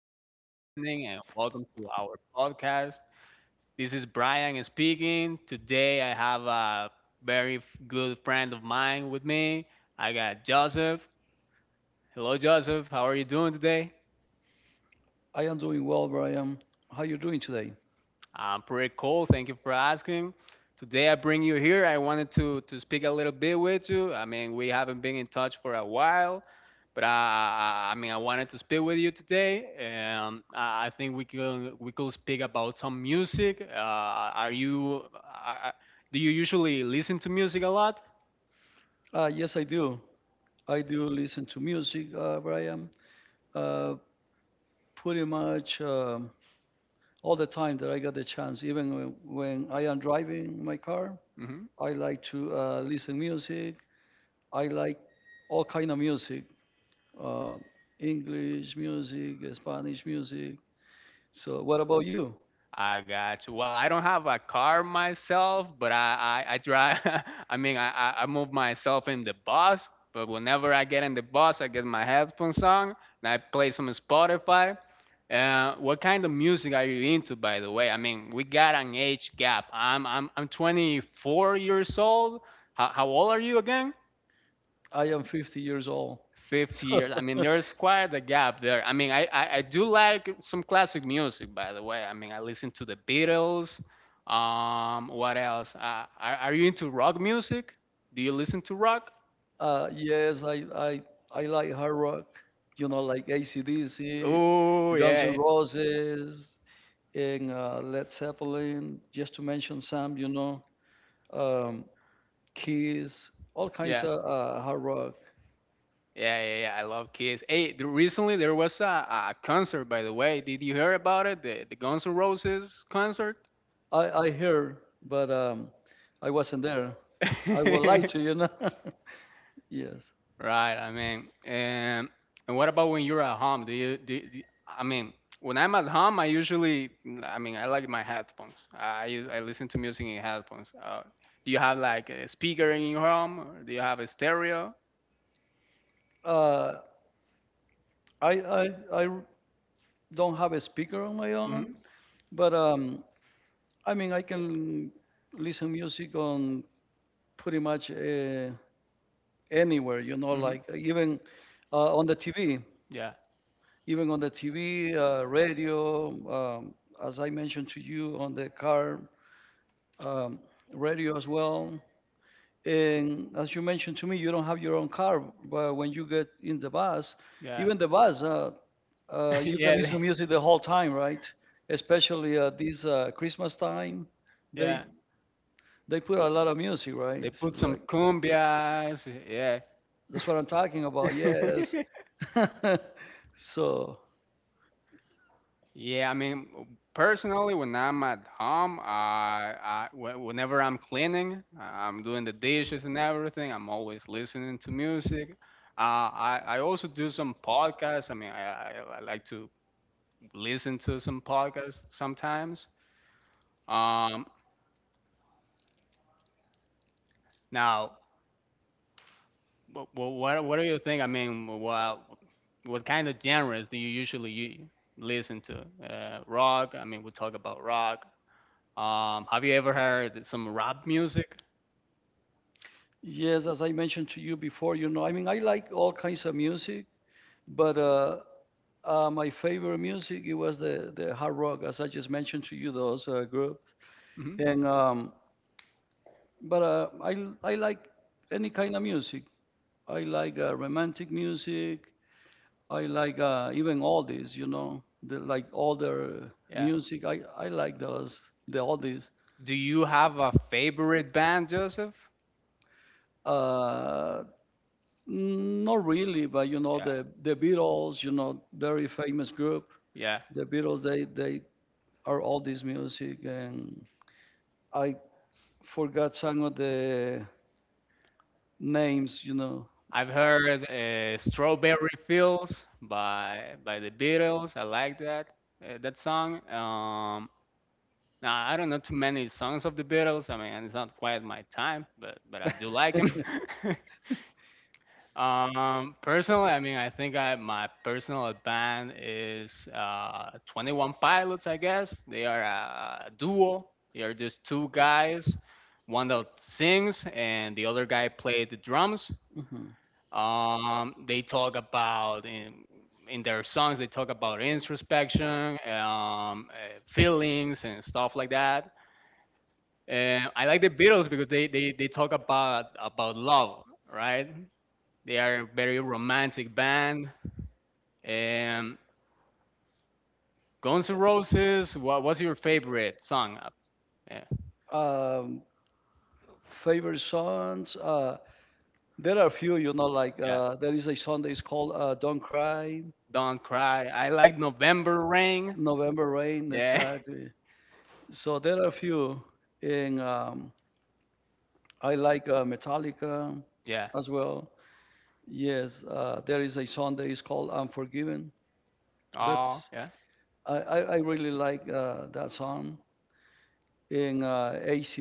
much for listening, and welcome to our podcast. This is Brian speaking. Today, I have a very good friend of mine with me. I got Joseph. Hello, Joseph. How are you doing today? I am doing well, Brian. How you doing today? I'm pretty cool. Thank you for asking. Today I bring you here. I wanted to speak a little bit with you. I mean, we haven't been in touch for a while, but I mean, I wanted to speak with you today, and I think we could speak about some music. Are you? Do you usually listen to music a lot? Yes, I do. I do listen to music, Brian. Uh, Pretty much all the time that I get the chance, even when I am driving my car, Mm-hmm. I like to listen music. I like all kind of music, uh, English music, Spanish music. So, what about you? I got you. Well, I don't have a car myself, but I drive. I mean, I move myself in the bus. But whenever I get in the bus, I get my headphones on and I play some Spotify. What kind of music are you into, by the way? I mean, we got an age gap. I'm 24 years old. How old are you again? I am 50 years old. 50 So, years. I mean, there's quite a gap there. I mean, I do like some classic music, by the way. I mean, I listen to the Beatles. What else? Are you into rock music? Do you listen to rock? Yes, I like hard rock, you know, like AC/DC, Oh, Guns N' yeah. Roses, and Led Zeppelin, just to mention some, you know, um, Kiss, all kinds Yeah. of hard rock. Yeah, yeah, yeah. I love Kiss. Hey, recently there was a concert, by the way. Did you hear about it? The Guns N' Roses concert? I heard, but I wasn't there. I would like to, you know. Yes. Right. I mean, and what about when you're at home? Do you do, do- I mean, when I'm at home, I mean, I like my headphones. I listen to music in headphones. Do you have like a speaker in your home, or do you have a stereo? Uh, I, I, I r- don't have a speaker on my Mm-hmm. own, but I mean, I can listen music on pretty much anywhere, you know, Mm-hmm. like even on the TV, Yeah. even on the TV, radio, um, as I mentioned to you, on the car um, radio as well. And as you mentioned to me, you don't have your own car, but when you get in the bus, Yeah. even the bus, you can Yeah. listen to music the whole time, right? Especially this Christmas time, they Yeah. they put a lot of music, right? They put some Like cumbias. Yeah. that's what I'm talking about. Yes. So, Yeah, I mean, personally, when I'm at home, whenever I'm cleaning, I'm doing the dishes and everything, I'm always listening to music. I also do some podcasts. I mean, I like to listen to some podcasts sometimes. Um, now what do you think? I mean, what kind of genres do you usually listen to? Rock. I mean, we talk about rock. Have you ever heard some rap music? yes, as I mentioned to you before, you know, I mean, I like all kinds of music, but my favorite music it was the hard rock, as I just mentioned to you, those group. Mhm. And but I like any kind of music. I like romantic music. I like even oldies, you know, the, like older Yeah. music. I like those the oldies. Do you have a favorite band, Joseph? Uh, Not really, but you know Yeah, the Beatles, you know, very famous group. yeah. The Beatles, they are all this music, and I forgot some of the names, you know. I've heard "Strawberry Fields" by the Beatles. I like that song. Now I don't know too many songs of the Beatles. I mean, it's not quite my time, but I do like them. Personally, I mean, I think I my personal band is 21 Pilots. I guess they are a duo. They are just two guys, one that sings and the other guy plays the drums. hmm They talk about in their songs. They talk about introspection, feelings, and stuff like that. And I like the Beatles because they talk about love, right? They are a very romantic band. Um, Guns N' Roses. What was your favorite song? Yeah, Um, Favorite songs? There are a few, you know, like yeah. There is a song that is called "Don't Cry," Don't cry. I like November Rain. "November Rain," Yeah, exactly. So there are a few, and I like Metallica yeah. as well. Yes, there is a song that is called Unforgiven. Oh, That's yeah. I really like that song. In ac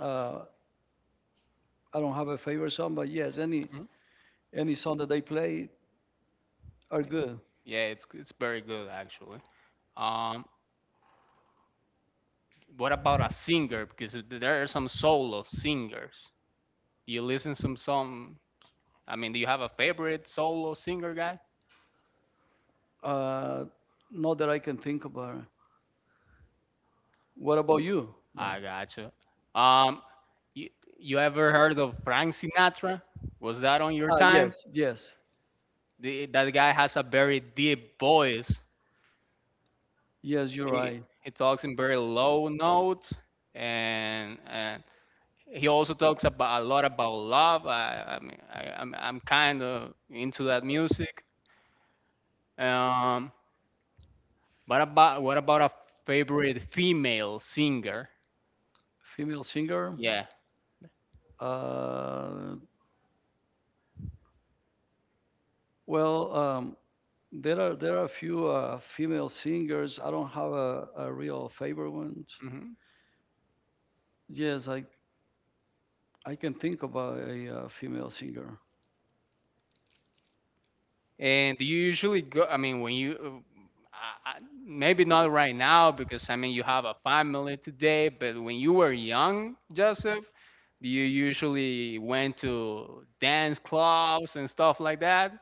uh, I don't have a favorite song, but yes, any Mhm. any song that they play are good. Yeah, it's very good actually. Um, what about a singer? Because there are some solo singers. Do you listen some? I mean, do you have a favorite solo singer guy? Uh, Not that I can think about. What about you? Right. I gotcha. Um, you, you ever heard of Frank Sinatra? Was that on your Ah, time? yes, yes, That guy has a very deep voice. yes, you're He, right. he talks in very low notes, and he also talks about a lot about love. I'm kind of into that music. Um, what about a favorite female singer? Female singer. Yeah. Uh, well, there are a few female singers. I don't have a real favorite one. Mm-hmm. Yes, I can think about a female singer. And do you usually go? I mean, when you, maybe not right now because I mean you have a family today, but when you were young, Joseph, do you usually went to dance clubs and stuff like that?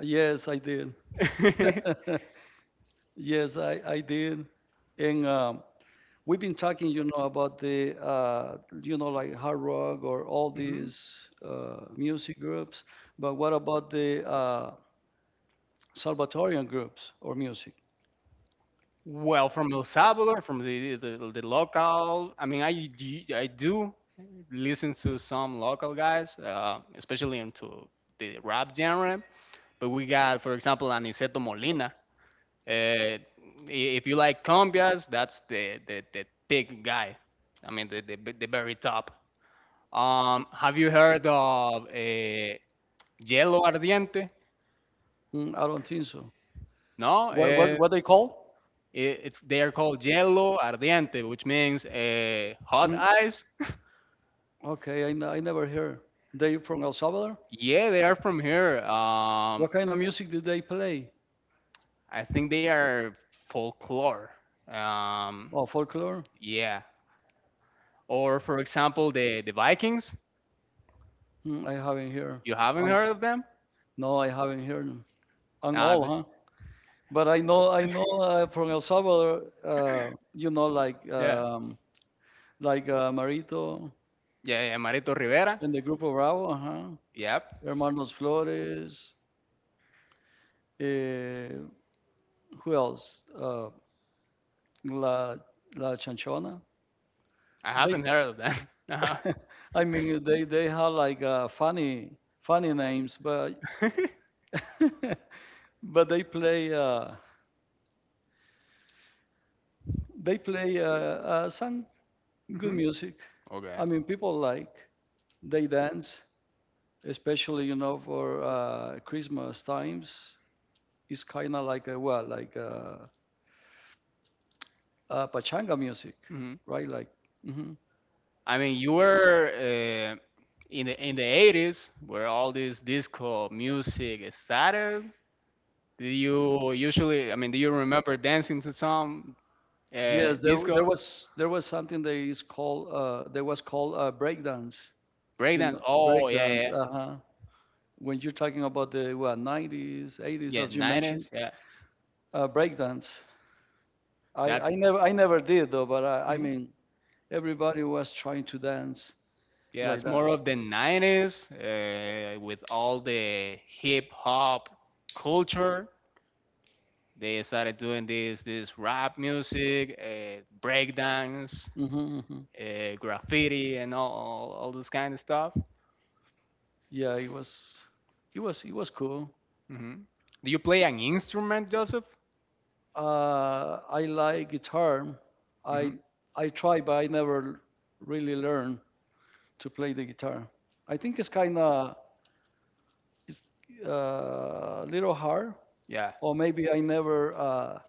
Yes, I did. Yes, I did. And we've been talking, you know, about the like hard rock or all Mhm. these music groups. But what about the Salvatorian groups or music? Well, from El Salvador, from the the local, I mean, I do listen to some local guys, especially into the rap genre. But we got, for example, Aniceto Molina. Uh, if you like Combias, that's the big guy. I mean, the very top. Have you heard of Hielo Ardiente? Mm, I don't think so. No, What, what, what they call? it's, they are called Hielo Ardiente, which means hot Mm, ice. okay, I never heard. They from El Salvador? Yeah, they are from here. What kind of music did they play? I think they are folklore. Um, Oh, folklore? yeah. Or for example, the Vikings. Mm, I haven't heard. You haven't Um, heard of them? no, I haven't heard them. And Uh, all, th- huh? But I know from El Salvador, you know, like yeah. um, like uh, Marito Yeah, yeah, Marito Rivera. and the Grupo Bravo, huh? Yep, Hermanos Flores. Eh, who else? La La Chanchona. I They, haven't heard of that. No. I mean, they have like funny funny names, but but they play song. Good Mhm. music. Okay. I mean, people like they dance, especially you know for Christmas times. It's kind of like a well, like a pachanga music, Mhm. right? Like, hmm I mean, you were in the 80s where all this disco music started. Do you usually? I mean, do you remember dancing to some yes, there w- disco there was there was something that is called there was called breakdance, you breakdance? know, Oh, yeah, breakdance. yeah, Uh huh. When you're talking about the what 90s, 80s, yeah. as you mentioned, 90s. Yeah, breakdance. I I that's. never I never did though, but I mean everybody was trying to dance Yeah, like it's that. more of the 90s with all the hip hop culture. They started doing this rap music, breakdance, hmm hmm graffiti, and all this kind of stuff. Yeah, it was cool. Hmm. Do you play an instrument, Joseph? I like guitar. I Hmm. I try, but I never really learn to play the guitar. I think it's kind of it's a little hard, Yeah. or maybe I never.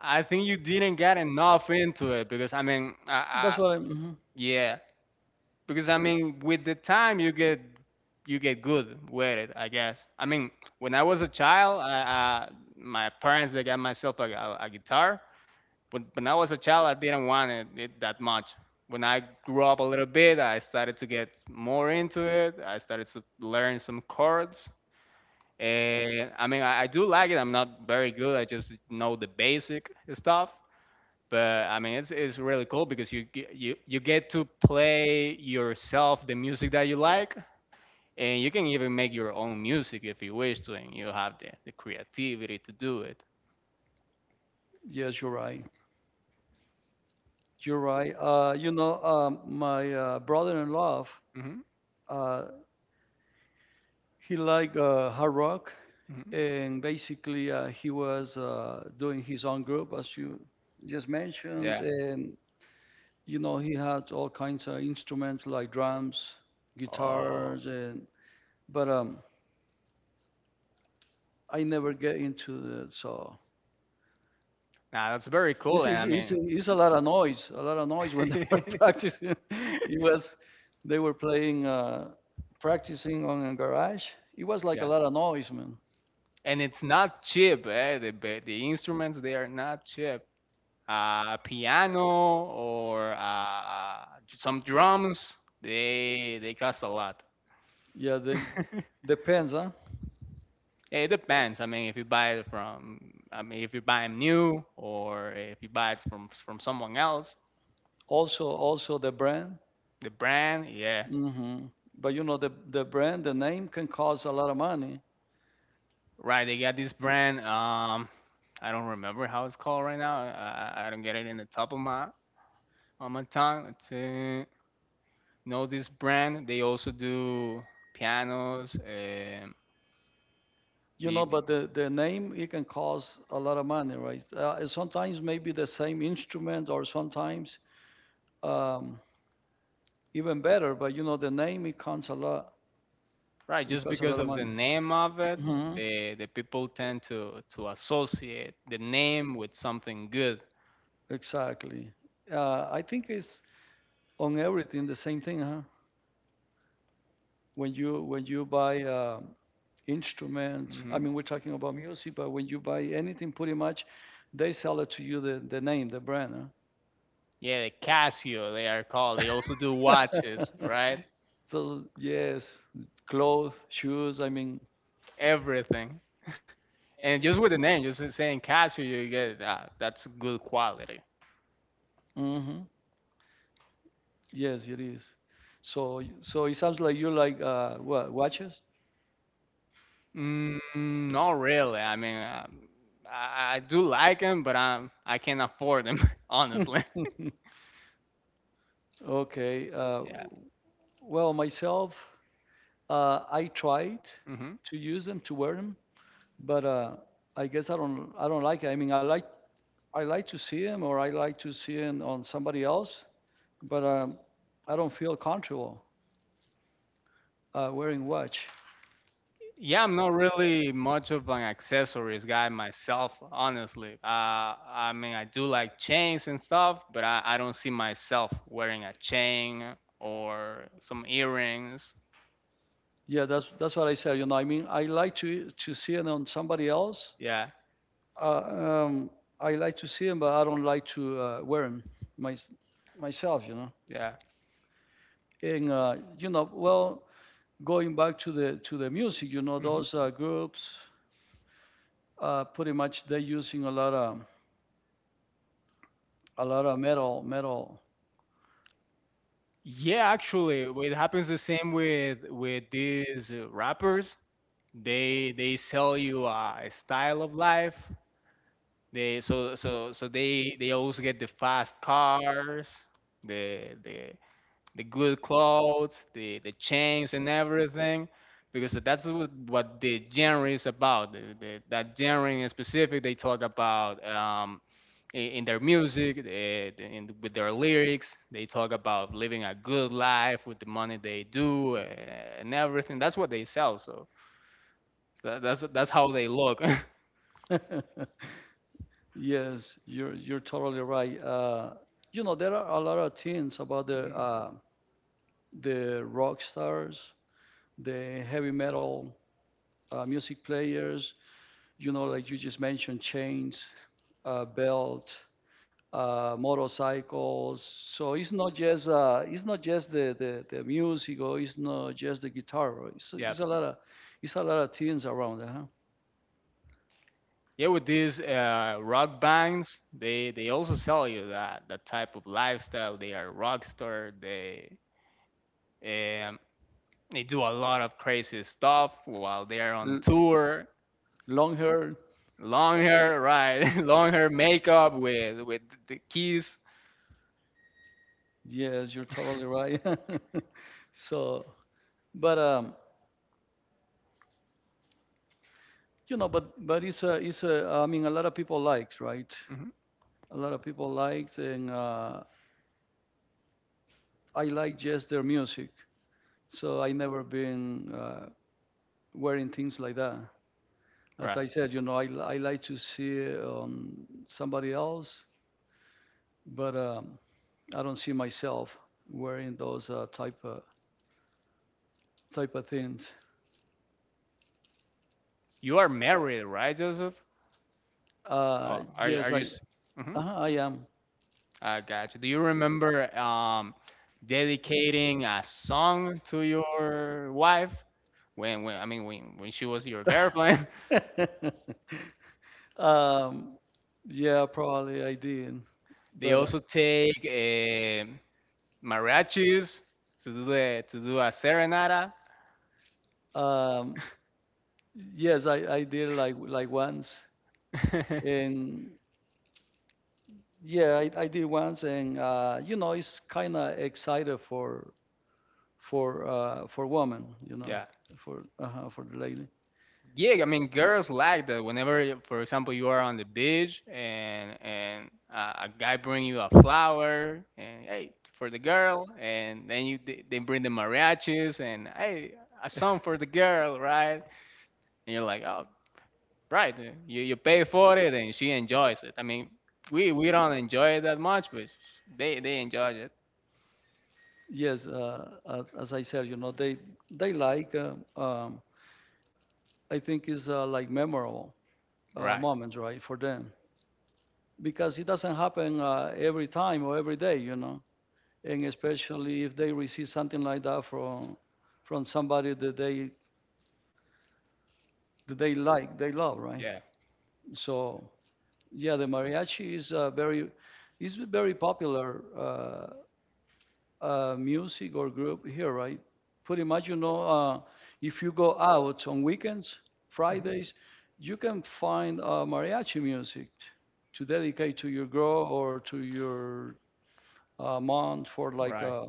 I think you didn't get enough into it because, I mean, That's what I'm. Mhm. yeah. Because I mean, with the time you get good with it, I guess. I mean, when I was a child, my parents, they got myself a guitar. But when I was a child, I didn't want it that much. When I grew up a little bit, I started to get more into it. I started to learn some chords. And I mean, I do like it. I'm not very good. I just know the basic stuff, but I mean, it's really cool because you you get to play yourself the music that you like, and you can even make your own music if you wish to and you have the creativity to do it. Yes, you're right. You're right. You know, my brother-in-law, Hmm. uh, he liked hard rock, Hmm. and basically he was doing his own group, as you just mentioned, Yeah. and you know he had all kinds of instruments like drums, Oh, guitars, and but I never get into it, so. now that's very cool. It's, And it's, I it's, mean it's a lot of noise, a lot of noise when they were practicing. It was, they were playing, practicing on a garage. It was like a yeah. lot of noise, man. And it's not cheap, eh? The the instruments, they are not cheap. Piano or some drums, they cost a lot. Yeah, they depends, huh? Yeah, it depends. I mean, if you buy it from, I mean, if you buy them new or if you buy it from someone else, Also, also the brand. the brand, yeah, hmm But you know, the brand, the name can cost a lot of money. right. They got this brand. I don't remember how it's called right now. I don't get it in the top of my on my tongue. Let's know this brand. They also do pianos. You the, know, the- but the name it can cost a lot of money, right? And sometimes maybe the same instrument, or sometimes um, even better. But you know, the name it counts a lot. right, It just costs a because lot of of the money. name of it, hmm the people tend to associate the name with something good. Exactly. I think it's on everything the same thing, huh? When you buy instrument, I Hmm. mean, we're talking about music, but when you buy anything, pretty much, they sell it to you the name, the brand, Yeah, the Casio they are called. They also do watches, huh? right? So yes, clothes, shoes. I mean, Everything. And just with the name, just saying Casio, you get that's good quality. hmm yes, it is. So it sounds like you like what watches? Mm, not really. I mean, I do like them, but I can't afford them, honestly. Okay. Yeah. Well, myself, I tried Hmm. to use them to wear them, but I guess I don't. I don't like it. I mean, I like to see them, or I like to see them on somebody else, but I don't feel comfortable wearing watch. Yeah, I'm not really much of an accessories guy myself, honestly. I mean, I do like chains and stuff, but I don't see myself wearing a chain or some earrings. Yeah, that's what I said. You know, I mean, I like to see them on somebody else. Yeah, Uh, um, I like to see them, but I don't like to wear them my, myself. You know, yeah. and you know, well, going back to the music, you know, Hmm. those groups, pretty much they're using a lot of metal metal. Yeah, actually, it happens the same with these rappers. They sell you a style of life. They so so so they always get the fast cars, the the good clothes, the chains and everything, because that's what the genre is about. That genre in specific, they talk about in their music, with their lyrics, they talk about living a good life with the money they do and everything. That's what they sell. So that's how they look. Yes, you're totally right. You know, there are a lot of things about the Mhm. uh, the rock stars, the heavy metal music players. You know, like you just mentioned, chains, belt, motorcycles. So it's not just the music or it's not just the guitar. Right? Yeah. It's a lot of things around. Huh? Yeah, with these rock bands, they also sell you that type of lifestyle. They are rock star. Um, they do a lot of crazy stuff while they are on L- tour. Long hair. Long hair, right? Long hair, makeup with the keys. Yes, you're totally right. So, but You know, but it's a. I mean, a lot of people liked, right? Mhm. A lot of people liked, and I like just their music. So I never been wearing things like that. As Right. I said, you know, I like to see somebody else, but I don't see myself wearing those type of things. You are married, right, Joseph? Oh, are you- Yes, are you? S- mhm. I am. I got you. Do you remember dedicating a song to your wife when I mean when she was your girlfriend? Um, yeah, probably I did, They but also take mariachis to do the, to do a serenata. uh, um, yes, I did like once, and yeah, I did once, and you know, it's kind of excited for for women, you know, Yeah. For the lady. Yeah, I mean, girls like that. Whenever, for example, you are on the beach and a guy bring you a flower and hey for the girl, and then you they bring the mariachis and hey a song for the girl, right? And you're like, oh, right, you pay for it, and she enjoys it. I mean, we don't enjoy it that much, but they enjoy it, Yes, as I said, you know, they like. Um, I think it's like memorable right? moments, right, for them because it doesn't happen every time or every day, you know, and especially if they receive something like that from somebody that they like, they love, right? Yeah, So yeah, the mariachi is very popular music or group here, right? Pretty much, you know, if you go out on weekends, mhm, Fridays, you can find mariachi music to dedicate to your girl or to your mom for right.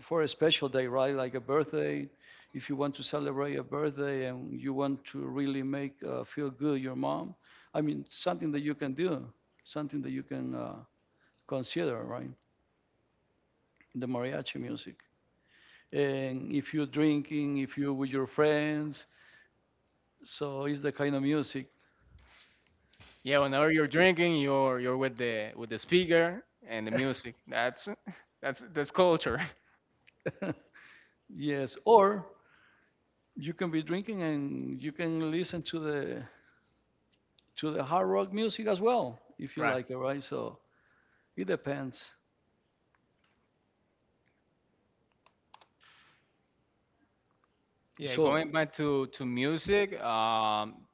for a special day, right? Like a birthday. If you want to celebrate a birthday and you want to really make feel good your mom, I mean, something that you can do, something that you can consider, right? The mariachi music. And if you're drinking, if you're with your friends. So it's the kind of music. Yeah, whenever you're drinking, you're with the speaker and the music. That's that's culture, Yes, or you can be drinking and you can listen to the hard rock music as well if you right? like it, right? So it depends. Yeah, So, going back to music.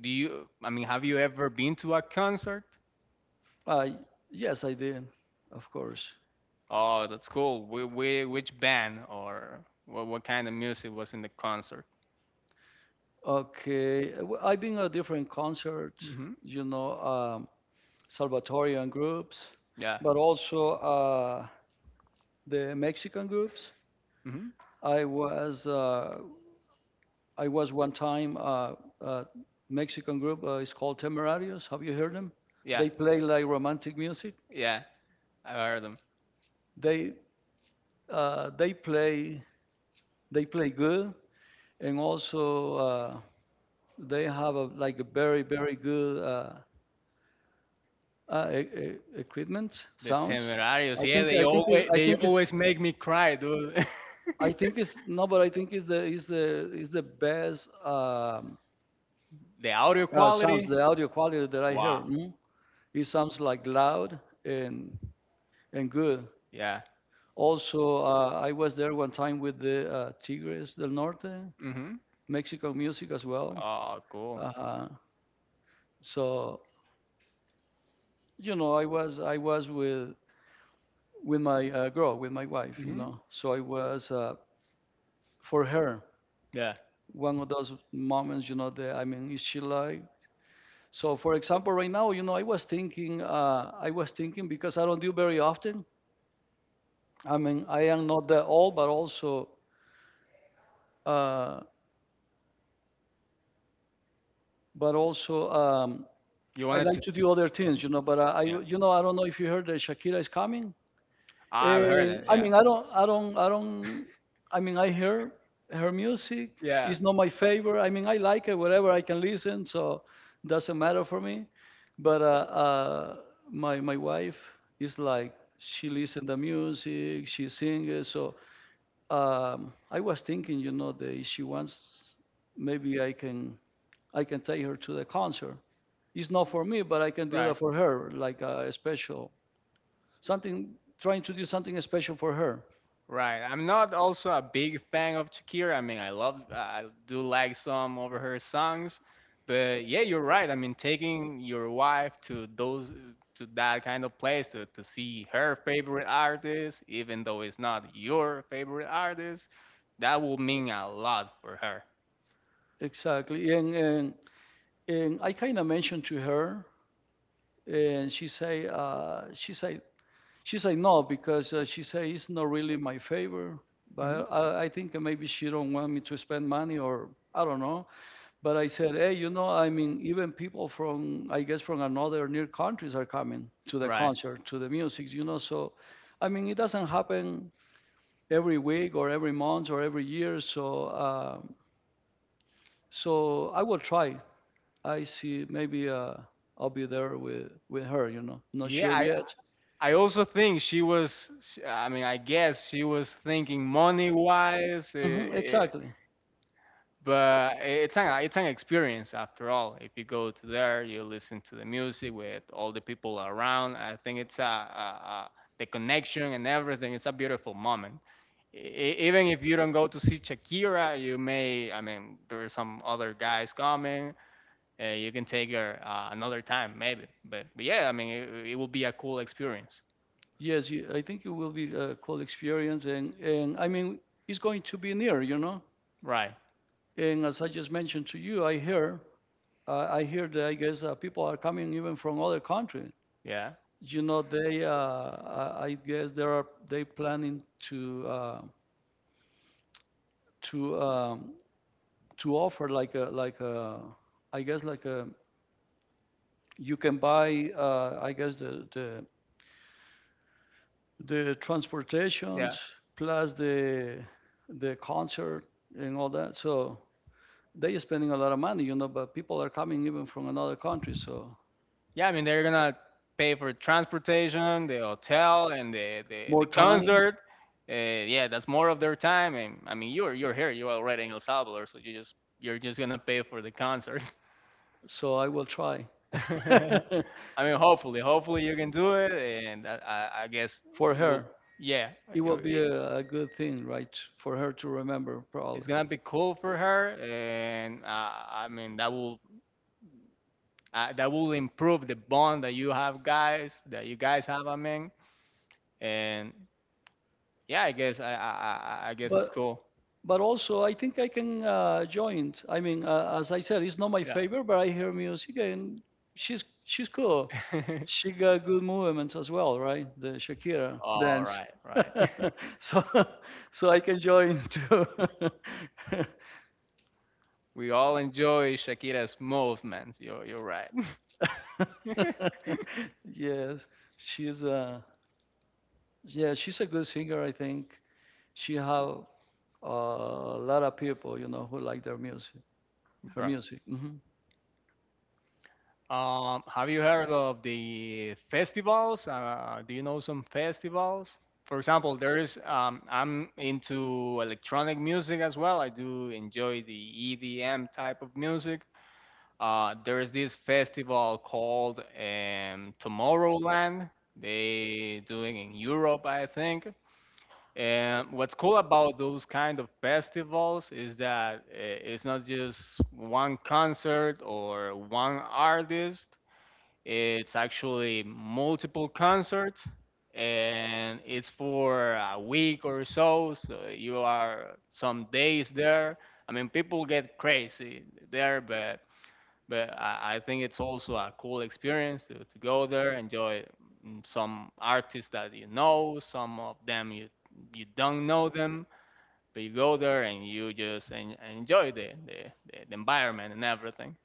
Do you? I mean, have you ever been to a concert? I yes, I did, of course. Oh, that's cool. Wh wh which band or what kind of music was in the concert? Okay, well, I've been at different concerts, Hmm. you know, Salvatorian groups, Yeah. but also the Mexican groups. Hmm. I was uh, I was one time uh, Mexican group. It's called Temerarios. Have you heard them? Yeah. Yeah. They play like romantic music. Yeah. I heard them. They uh, they play they play good, and also they have like a very good equipment The sounds. Temerarios. Yeah, they I think it's, always I they think it's always make me cry, dude. I think it's no, but I think it's the is the is the best The audio sounds, quality. the audio quality that I Wow. hear. It sounds like loud and good. Yeah. Also, I was there one time with the Tigres del Norte, Mhm. Mexican music as well. Oh, cool. Uh, so I was with my girl, with my wife, you Mhm. know. So I was for her Yeah. one of those moments, you know. That I mean, is she like? So for example, right now, you know, I was thinking, because I don't do very often. I mean, I am not that old, but uh, also You I wanted like to. to do other things, you know. But Yeah. you know, I don't know if you heard that Shakira is coming. I've heard And it. I Yeah. mean, I don't. I mean, I hear her music. Yeah. It's not my favorite. I mean, I like it, whatever I can listen, so doesn't matter for me. But uh, my wife is like, she listens to music, she sings, so I was thinking, you know, that if she wants, maybe I can take her to the concert. It's not for me, but I can do that Right. for her, like a special something, trying to do something special for her. Right. I'm not also a big fan of Shakira. I mean, I love, I do like some of her songs, but yeah, you're right. I mean, taking your wife to those, to that kind of place to see her favorite artist, even though it's not your favorite artist, that will mean a lot for her. Exactly, and I kind of mentioned to her, and she say no, because she say it's not really my favor, Hmm. but I think maybe she don't want me to spend money or I don't know. But I said, hey, you know, I mean, even people from, I guess, from another near countries are coming to the Right. concert, to the music, you know. So, I mean, it doesn't happen every week or every month or every year. So, so I will try. I see maybe I'll be there with her, you know. Not Yeah, sure I, yet. I also think she was, sh I mean, I guess she was thinking money wise, Hmm, exactly. but it's an experience after all. If you go to there, you listen to the music with all the people around. I think it's a the connection and everything. It's a beautiful moment. Even if you don't go to see Shakira, you may, I mean, there are some other guys coming. You can take her another time, maybe. But yeah, I mean, it will be a cool experience, Yes, you, I think it will be a cool experience, and I mean, it's going to be near, you know. right? And as I just mentioned to you, I hear that I guess people are coming even from other countries. Yeah, You know, they, I guess there are, they planning to to um, to offer like I guess like a, you can buy I guess the yeah, transportations plus the concert and all that. So they are spending a lot of money, you know, but people are coming even from another country, so yeah. I mean, they're gonna pay for transportation, the hotel, and the the more time. concert. Uh, yeah, that's more of their time. And I mean, you're here, you're already in El Salvador, so you're just gonna pay for the concert. So I will try I mean, hopefully, hopefully you can do it, and I guess for it will. her. Yeah, It it, will be it- a good thing, right, for her to remember it's probably. gonna be cool for her, and I mean that will improve the bond that you guys have, I mean. And yeah, I guess I I guess it's But cool, also I think I can join. I mean, as I said, it's not my yeah. favorite, but I hear music and she's cool. She got good movements as well, right? The Shakira All dance. right, right. so so I can join too. We all enjoy Shakira's movements, you're right. Yes, she's yeah, she's a good singer. I think she have a lot of people, you know, who like their music. Her Right. music. Hmm. Have you heard of the festivals? Do you know some festivals? For example, there's I'm into electronic music as well. I do enjoy the EDM type of music. There is this festival called Tomorrowland. They doing in Europe, I think. And what's cool about those kind of festivals is that it's not just one concert or one artist. It's actually multiple concerts, and it's for a week or so. So you are some days there. I mean, people get crazy there, but I think it's also a cool experience to go there, enjoy mm, some artists that you know, some of them you don't know them, but you go there and you just enjoy the environment and everything.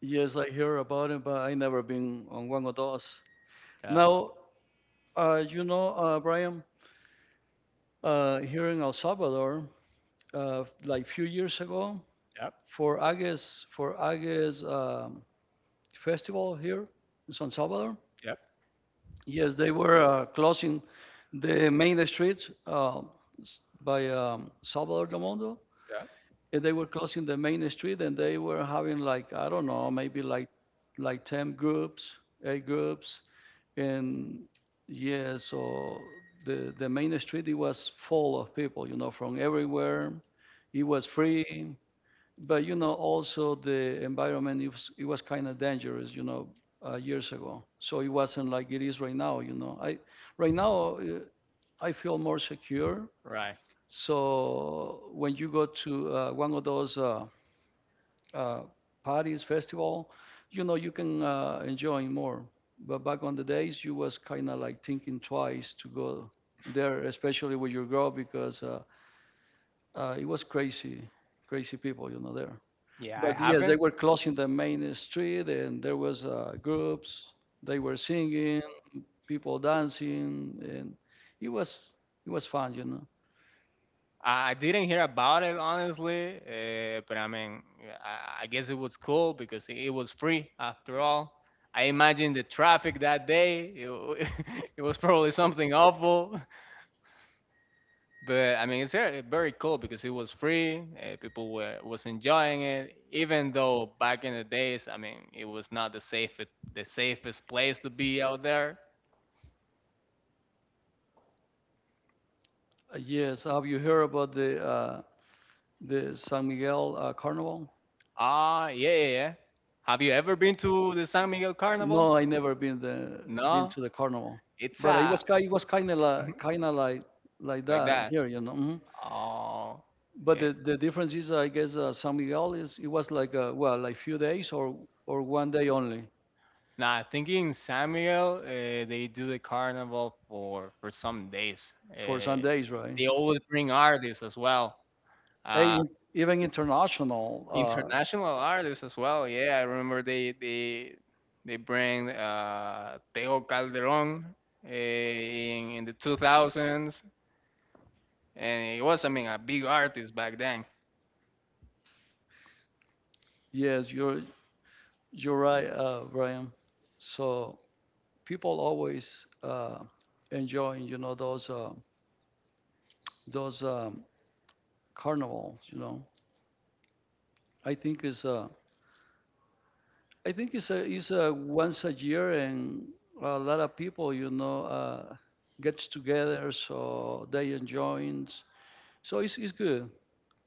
Yes, I hear about it, but I never been on one of those. Yeah. Now, you know, Brian, here in El Salvador, like few years ago, Yep. For Agues festival here in San Salvador. Yep. Yes, they were closing the main street by Salvador del Mundo, Yep. and they were closing the main street, and they were having like, I don't know, maybe like 10 groups, eight groups. And yeah, so the main street, it was full of people, you know, from everywhere. It was free, but you know, also the environment, it was kind of dangerous, you know, years ago, so it wasn't like it is right now, you know. I right now I feel more secure, Right. so when you go to one of those uh, parties, festival, you know, you can enjoy more. But back on the days, you was kind of like thinking twice to go there, especially with your girl, because it was crazy, crazy people, you know, there. Yeah, I But yes, they haven't. were closing the main street, and there was groups. They were singing, people dancing, and it was it was fun, you know. I didn't hear about it honestly, but I mean, yeah, I guess it was cool because it was free after all. I imagine the traffic that day. It was probably something awful, but I mean, it's very, very cool because it was free. People were was enjoying it, even though back in the days, I mean, it was not the safest place to be out there. Yes, have you heard about the San Miguel Carnival? Ah, yeah, yeah, yeah. Have you ever been to the San Miguel No, Carnival? I never been the been No, to the carnival, it's but a it was kind of mhm, like like that that. here, you know. Mhm. Oh, But yeah. The difference is, I guess, San Miguel is, it was like well, like few days or one day only Nah, I think in Samuel, they do the carnival for some days. for some days, right? They always bring artists as well, uh, Hey, even international. International artists as well. Yeah, I remember they bring Teo Calderon in the 2000s, and he was I mean a big artist back then. Yes, you're right, Brian. So people always enjoying, you know, those those um, carnivals. You know, I think it's a, I think it's a once a year, and a lot of people, you know, gets together, so they enjoy. So it's good.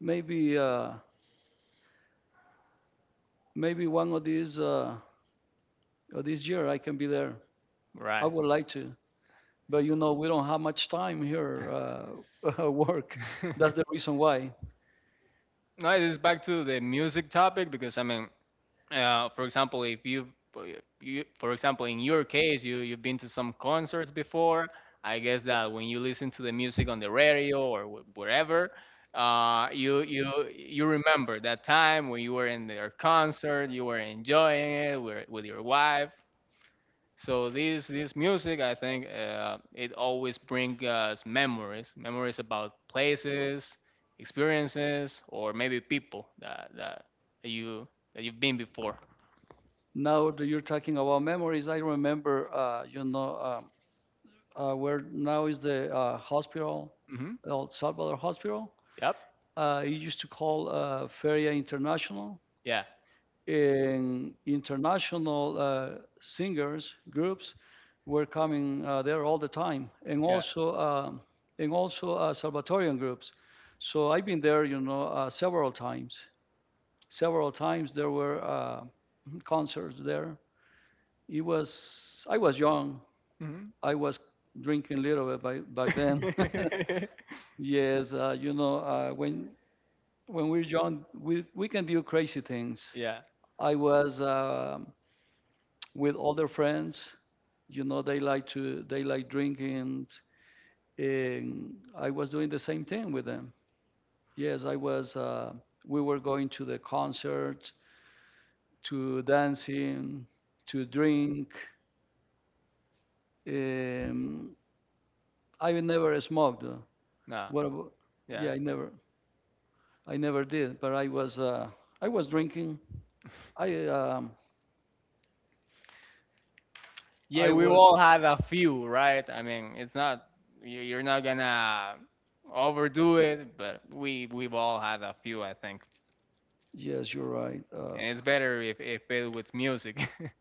Maybe maybe one of these of this year I can be there. I Right. would like to, but you know, we don't have much time here. Work. That's the reason why. No, it is back to the music topic because I mean, for example, if you, for example, in your case, you've been to some concerts before. I guess that when you listen to the music on the radio or wherever, you remember that time when you were in their concert, you were enjoying it with your wife. So this music, I think, it always brings us memories, memories about places, experiences, or maybe people that that you that you've been before. Now that you're talking about memories, I remember, you know, where now is the hospital, Hmm. El Salvador Hospital. Yep. It used to call Feria International, Yeah. and international singers groups were coming there all the time, and Yeah. also Salvatorian groups. So I've been there, you know, several times. Several times there were concerts there. It was I was young. Hmm. I was drinking a little bit back then. Yes, you know, when we're young, we can do crazy things. Yeah. I was with other friends. You know, they like to they like drinking, and I was doing the same thing with them. Yes, I was. We were going to the concert, to dancing, to drink. Um, I never smoked. No. What? abo- Yeah. Yeah, I never. I never did. But I was. I was drinking. I um, Yeah. I We was, all had a few, right? I mean, it's not you're not gonna overdo it, but we've all had a few, I think. yes, you're right. And it's better if it with music.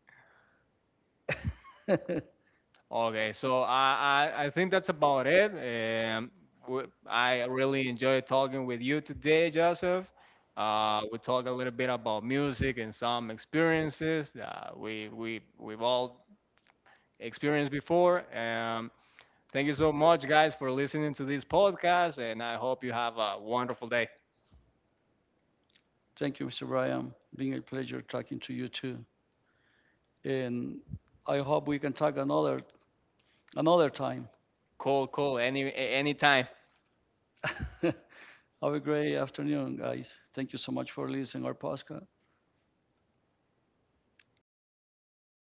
Okay, so I think that's about it. I really enjoyed talking with you today, Joseph. We talked a little bit about music and some experiences that we've all experienced before. Thank you so much, guys, for listening to this podcast, and I hope you have a wonderful day. Thank you, Mr. Brian. Being a pleasure talking to you too. And I hope we can talk another time. Cool, cool, any, anytime. Have a great afternoon, guys. Thank you so much for listening our podcast.